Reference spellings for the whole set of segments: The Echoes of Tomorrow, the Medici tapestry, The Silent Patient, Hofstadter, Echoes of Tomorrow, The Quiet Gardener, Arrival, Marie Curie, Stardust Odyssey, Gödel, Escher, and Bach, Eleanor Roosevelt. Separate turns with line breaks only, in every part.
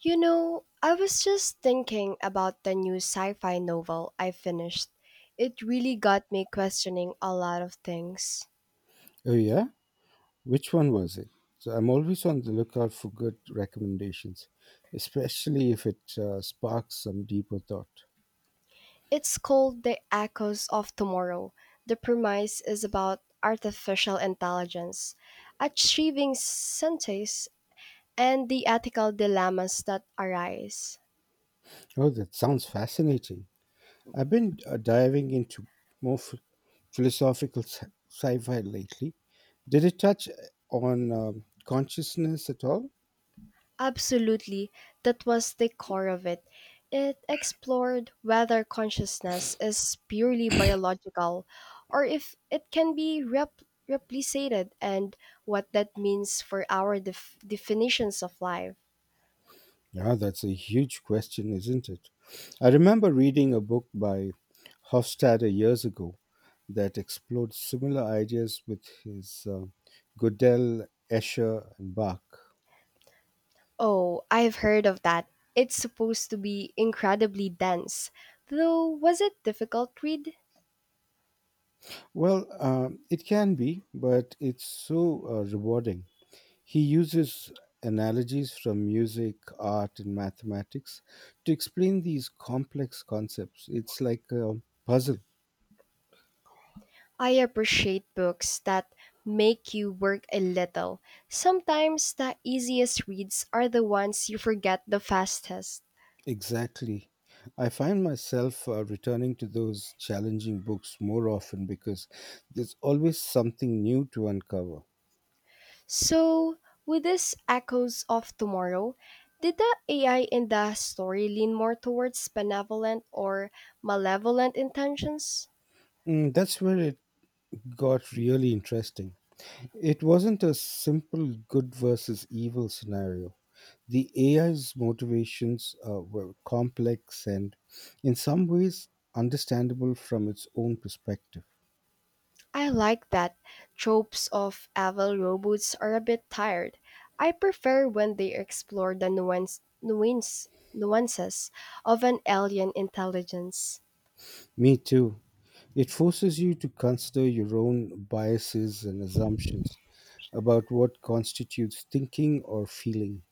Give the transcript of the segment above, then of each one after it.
You know, I was just thinking about the new sci fi novel I finished. It really got me questioning a lot of things.
Oh yeah, which one was it? So I'm always on the lookout for good recommendations, especially if it sparks some deeper thought.
It's called The Echoes of Tomorrow. The premise is about artificial intelligence, achieving sentience, and the ethical dilemmas that arise.
Oh, that sounds fascinating. I've been diving into more ph- philosophical sci-fi lately. Did it touch on consciousness at all?
Absolutely, that was the core of it. It explored whether consciousness is purely biological or if it can be replicated and what that means for our definitions of life.
Yeah, that's a huge question, isn't it? I remember reading a book by Hofstadter years ago that explored similar ideas with his Goodell, Escher, and Bach?
Oh, I've heard of that. It's supposed to be incredibly dense. Though, was it difficult read?
Well, it can be, but it's so rewarding. He uses analogies from music, art, and mathematics to explain these complex concepts. It's like a puzzle.
I appreciate books that make you work a little. Sometimes the easiest reads are the ones you forget the fastest.
Exactly. I find myself returning to those challenging books more often because there's always something new to uncover.
So, with this Echoes of Tomorrow, did the AI in the story lean more towards benevolent or malevolent intentions?
Mm, that's where it got really interesting. It wasn't a simple good versus evil scenario. The AI's motivations were complex and, in some ways, understandable from its own perspective.
I like that tropes of evil robots are a bit tired. I prefer when they explore the nuances of an alien intelligence.
Me too. It forces you to consider your own biases and assumptions about what constitutes thinking or feeling.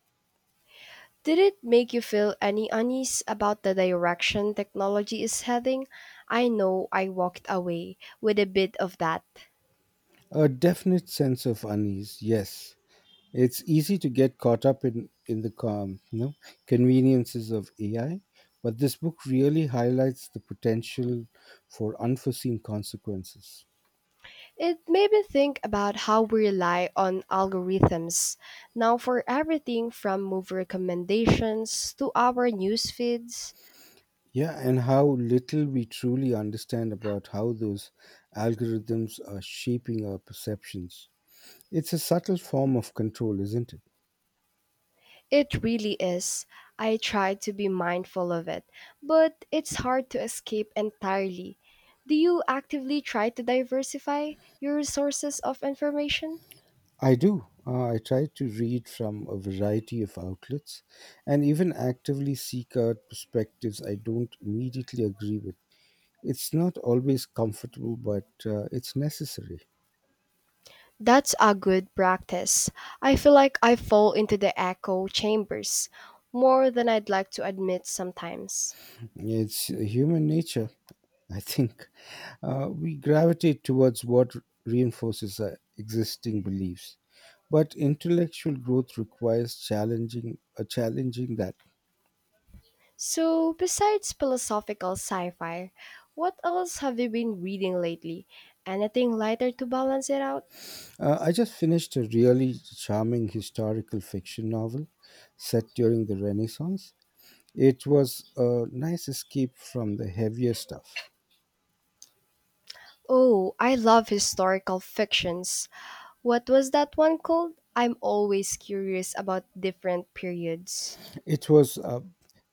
Did it make you feel any unease about the direction technology is heading? I know I walked away with a bit of that.
A definite sense of unease, yes. It's easy to get caught up in the conveniences of AI, but this book really highlights the potential for unforeseen consequences.
It made me think about how we rely on algorithms now for everything from movie recommendations to our news feeds.
Yeah, and how little we truly understand about how those algorithms are shaping our perceptions. It's a subtle form of control, isn't it?
It really is. I try to be mindful of it, but it's hard to escape entirely. Do you actively try to diversify your sources of information?
I do. I try to read from a variety of outlets and even actively seek out perspectives I don't immediately agree with. It's not always comfortable, but it's necessary.
That's a good practice. I feel like I fall into the echo chambers more than I'd like to admit sometimes.
It's human nature, I think. We gravitate towards what reinforces our existing beliefs. But intellectual growth requires challenging that.
So, besides philosophical sci fi, what else have you been reading lately? Anything lighter to balance it out?
I just finished a really charming historical fiction novel set during the Renaissance. It was a nice escape from the heavier stuff.
Oh, I love historical fictions. What was that one called? I'm always curious about different periods.
It was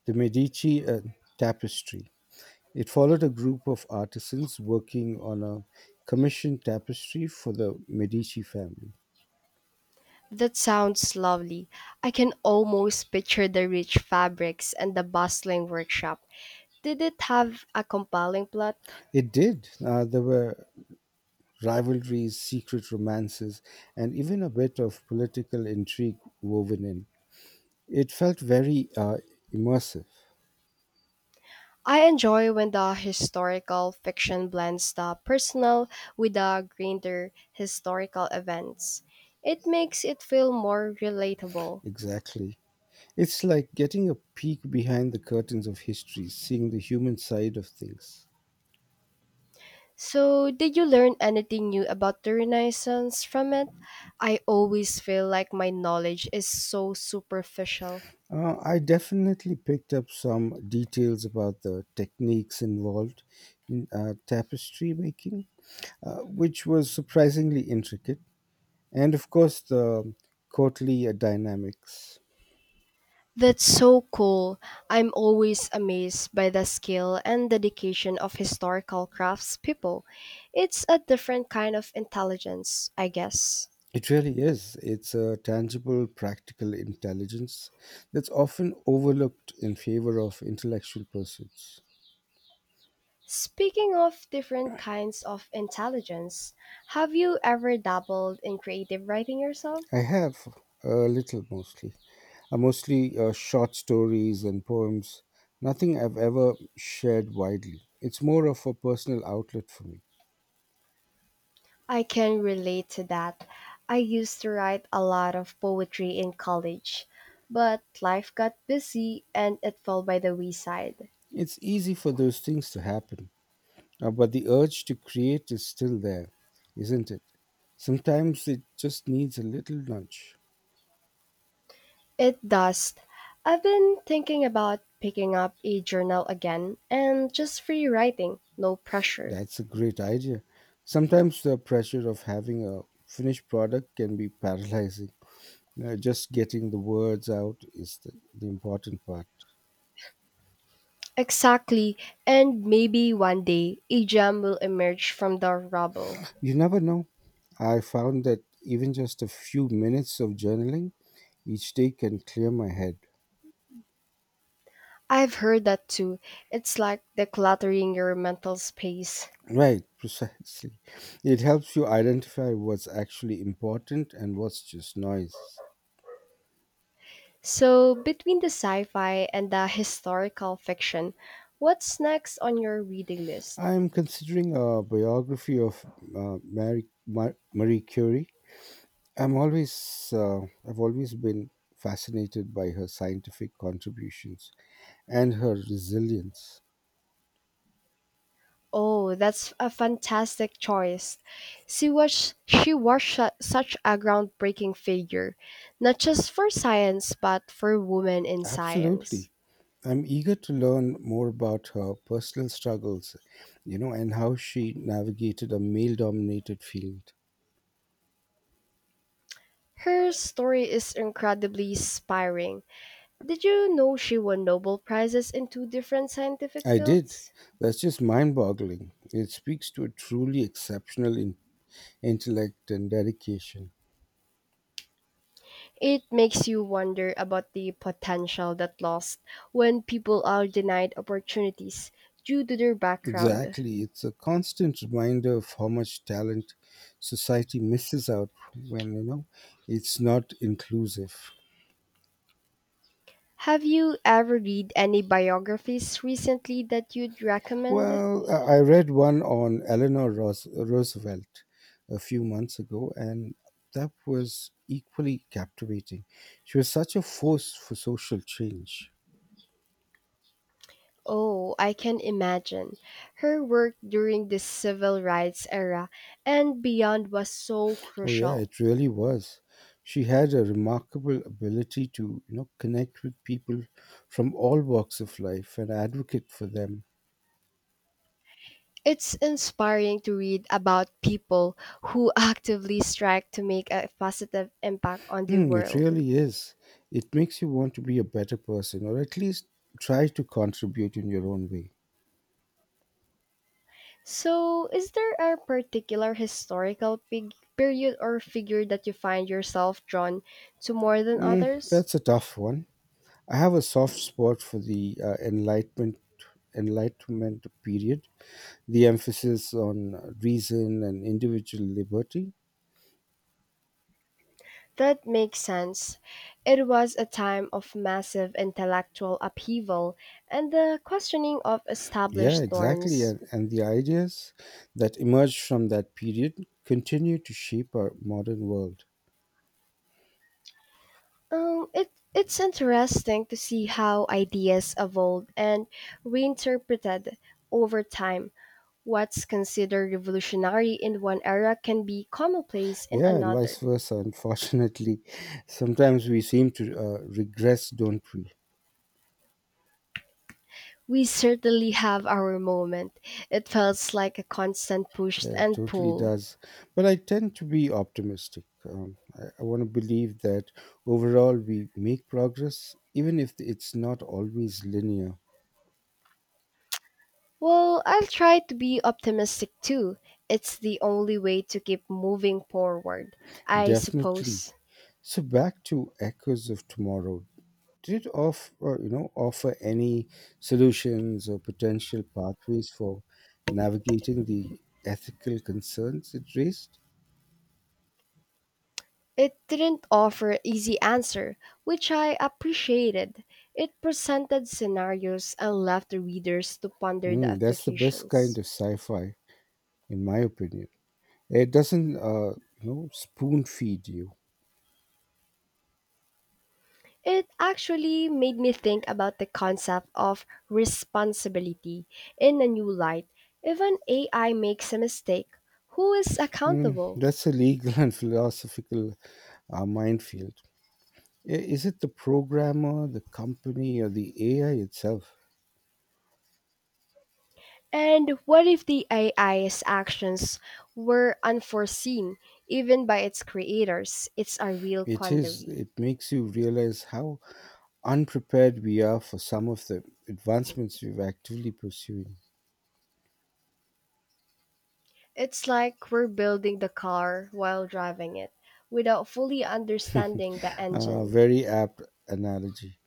the Medici tapestry. It followed a group of artisans working on a commissioned tapestry for the Medici family.
That sounds lovely. I can almost picture the rich fabrics and the bustling workshop. Did it have a compelling plot?
It did. There were rivalries, secret romances, and even a bit of political intrigue woven in. It felt very immersive,
I enjoy when the historical fiction blends the personal with the grander historical events. It makes it feel more relatable.
exactly. It's like getting a peek behind the curtains of history, seeing the human side of things.
So, did you learn anything new about the Renaissance from it? I always feel like my knowledge is so superficial.
I definitely picked up some details about the techniques involved in tapestry making, which was surprisingly intricate, and of course, the courtly dynamics.
That's so cool. I'm always amazed by the skill and dedication of historical craftspeople. It's a different kind of intelligence, I guess.
It really is. It's a tangible, practical intelligence that's often overlooked in favor of intellectual pursuits.
Speaking of different kinds of intelligence, have you ever dabbled in creative writing yourself?
I have a little mostly. Mostly short stories and poems. Nothing I've ever shared widely. It's more of a personal outlet for me.
I can relate to that. I used to write a lot of poetry in college, but life got busy and it fell by the wayside.
It's easy for those things to happen, but the urge to create is still there, isn't it? Sometimes it just needs a little nudge.
It does. I've been thinking about picking up a journal again and just free writing, no pressure.
That's a great idea. Sometimes the pressure of having a finished product can be paralyzing. Just getting the words out is the important part.
Exactly, and maybe one day a gem will emerge from the rubble.
You never know. I found that even just a few minutes of journaling each day can clear my head.
I've heard that too. It's like decluttering your mental space.
Right, precisely. It helps you identify what's actually important and what's just noise.
So, between the sci fi and the historical fiction, what's next on your reading list?
I am considering a biography of Marie Curie. I'm always, uh, I've always been fascinated by her scientific contributions and her resilience.
Oh, that's a fantastic choice. Such a groundbreaking figure, not just for science, but for women in science.
Absolutely. I'm eager to learn more about her personal struggles, you know, and how she navigated a male dominated field.
Her story is incredibly inspiring. Did you know she won Nobel Prizes in two different scientific
I did.
fields?
That's just mind boggling. It speaks to a truly exceptional intellect and dedication.
It makes you wonder about the potential that lost when people are denied opportunities due to their background.
Exactly. It's a constant reminder of how much talent society misses out when, you know, it's not inclusive.
Have you ever read any biographies recently that you'd recommend?
Well, I read one on Roosevelt a few months ago, and that was equally captivating. She was such a force for social change.
Oh, I can imagine. Her work during the civil rights era and beyond was so
Oh yeah,
crucial.
it really was. She had a remarkable ability to, you know, connect with people from all walks of life and advocate for them.
It's inspiring to read about people who actively strike to make a positive impact on the
Hmm, it
world.
really is. It makes you want to be a better person, or at least try to contribute in your own way.
So, is there a particular historical period or figure that you find yourself drawn to more than
Mm,
others?
that's a tough one. I have a soft spot for the Enlightenment period, the emphasis on reason and individual liberty.
That makes sense. It was a time of massive intellectual upheaval and the questioning of
Yeah,
established
exactly,
norms.
and the ideas that emerge from that period continue to shape our modern world.
It's interesting to see how ideas evolved and reinterpreted over time. What's considered revolutionary in one era can be commonplace in
Yeah, and vice
another.
versa. Unfortunately, sometimes we seem to regress, don't we?
We certainly have our moment. It felt like a constant push
Yeah, it
and
totally
pull.
does. But I tend to be optimistic. I want to believe that overall we make progress, even if it's not always linear.
Well, I'll try to be optimistic too. It's the only way to keep moving forward, I
Definitely.
suppose.
So back to Echoes of Tomorrow. Did it offer any solutions or potential pathways for navigating the ethical concerns it raised?
It didn't offer easy answer, which I appreciated. It presented scenarios and left the readers to ponder the
Mm, that's the best kind
applications.
of sci-fi, in my opinion. It doesn't, spoon feed you.
It actually made me think about the concept of responsibility in a new light. If an AI makes a mistake. Who is
Mm,
accountable?
that's a legal and philosophical minefield. I- Is it the programmer, the company, or the AI itself?
And what if the AI's actions were unforeseen, even by its creators? It's a real
It is.
quandary.
It makes you realize how unprepared we are for some of the advancements we're actively pursuing.
It's like we're building the car while driving it, without fully understanding the engine.
Very apt analogy.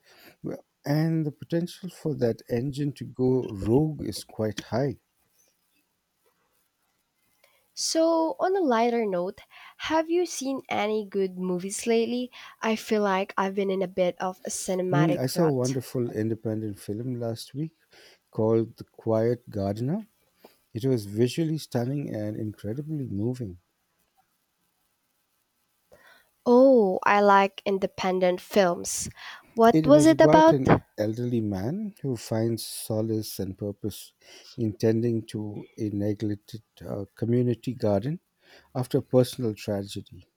Well, and the potential for that engine to go rogue is quite high.
So, on a lighter note, have you seen any good movies lately? I feel like I've been in a bit of a
Mm,
cinematic
I saw a
rut.
wonderful independent film last week called The Quiet Gardener. It was visually stunning and incredibly moving.
Oh, I like independent films. What
It
was
was
it
about
about?
an elderly man who finds solace and purpose in tending to a neglected community garden after personal tragedy.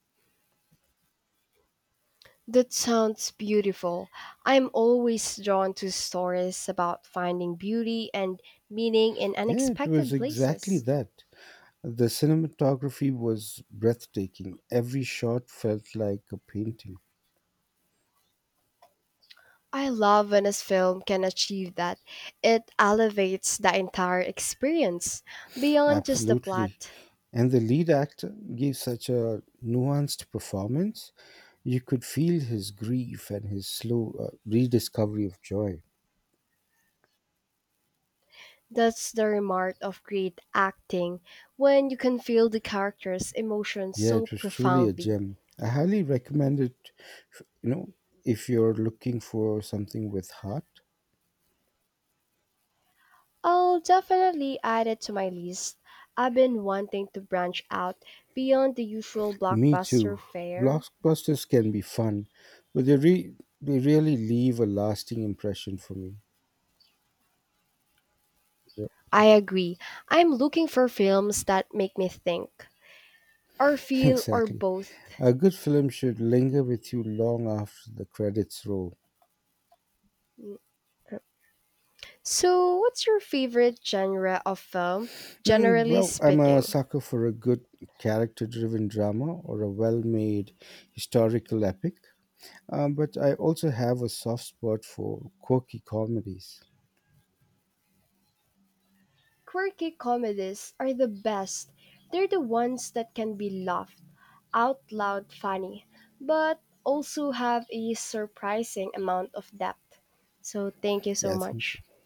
That sounds beautiful. I'm always drawn to stories about finding beauty and meaning in
Yeah, it was
unexpected
exactly
places.
that. The cinematography was breathtaking. Every shot felt like a painting.
I love when a film can achieve that. It elevates the entire experience beyond just the
Absolutely.
plot.
And the lead actor gave such a nuanced performance. You could feel his grief and his slow rediscovery of joy.
That's the remark of great acting, when you can feel the character's emotions
Yeah,
so
it was truly a
profoundly.
gem. I highly recommend it, f- you know, if you're looking for something with heart.
I'll definitely add it to my list. I've been wanting to branch out beyond the usual
Me
blockbuster
too.
fare.
Blockbusters can be fun, but they really leave a lasting impression for me.
I agree. I'm looking for films that make me think, or feel, or
Exactly.
both.
A good film should linger with you long after the credits roll.
So, what's your favorite genre of film,
Mm,
generally
well, I'm a
speaking?
sucker for a good character driven drama or a well made historical epic, but I also have a soft spot for quirky comedies.
Quirky comedies are the best. They're the ones that can be loved out loud funny, but also have a surprising amount of depth. So thank you so
Yeah, thank
much.
you.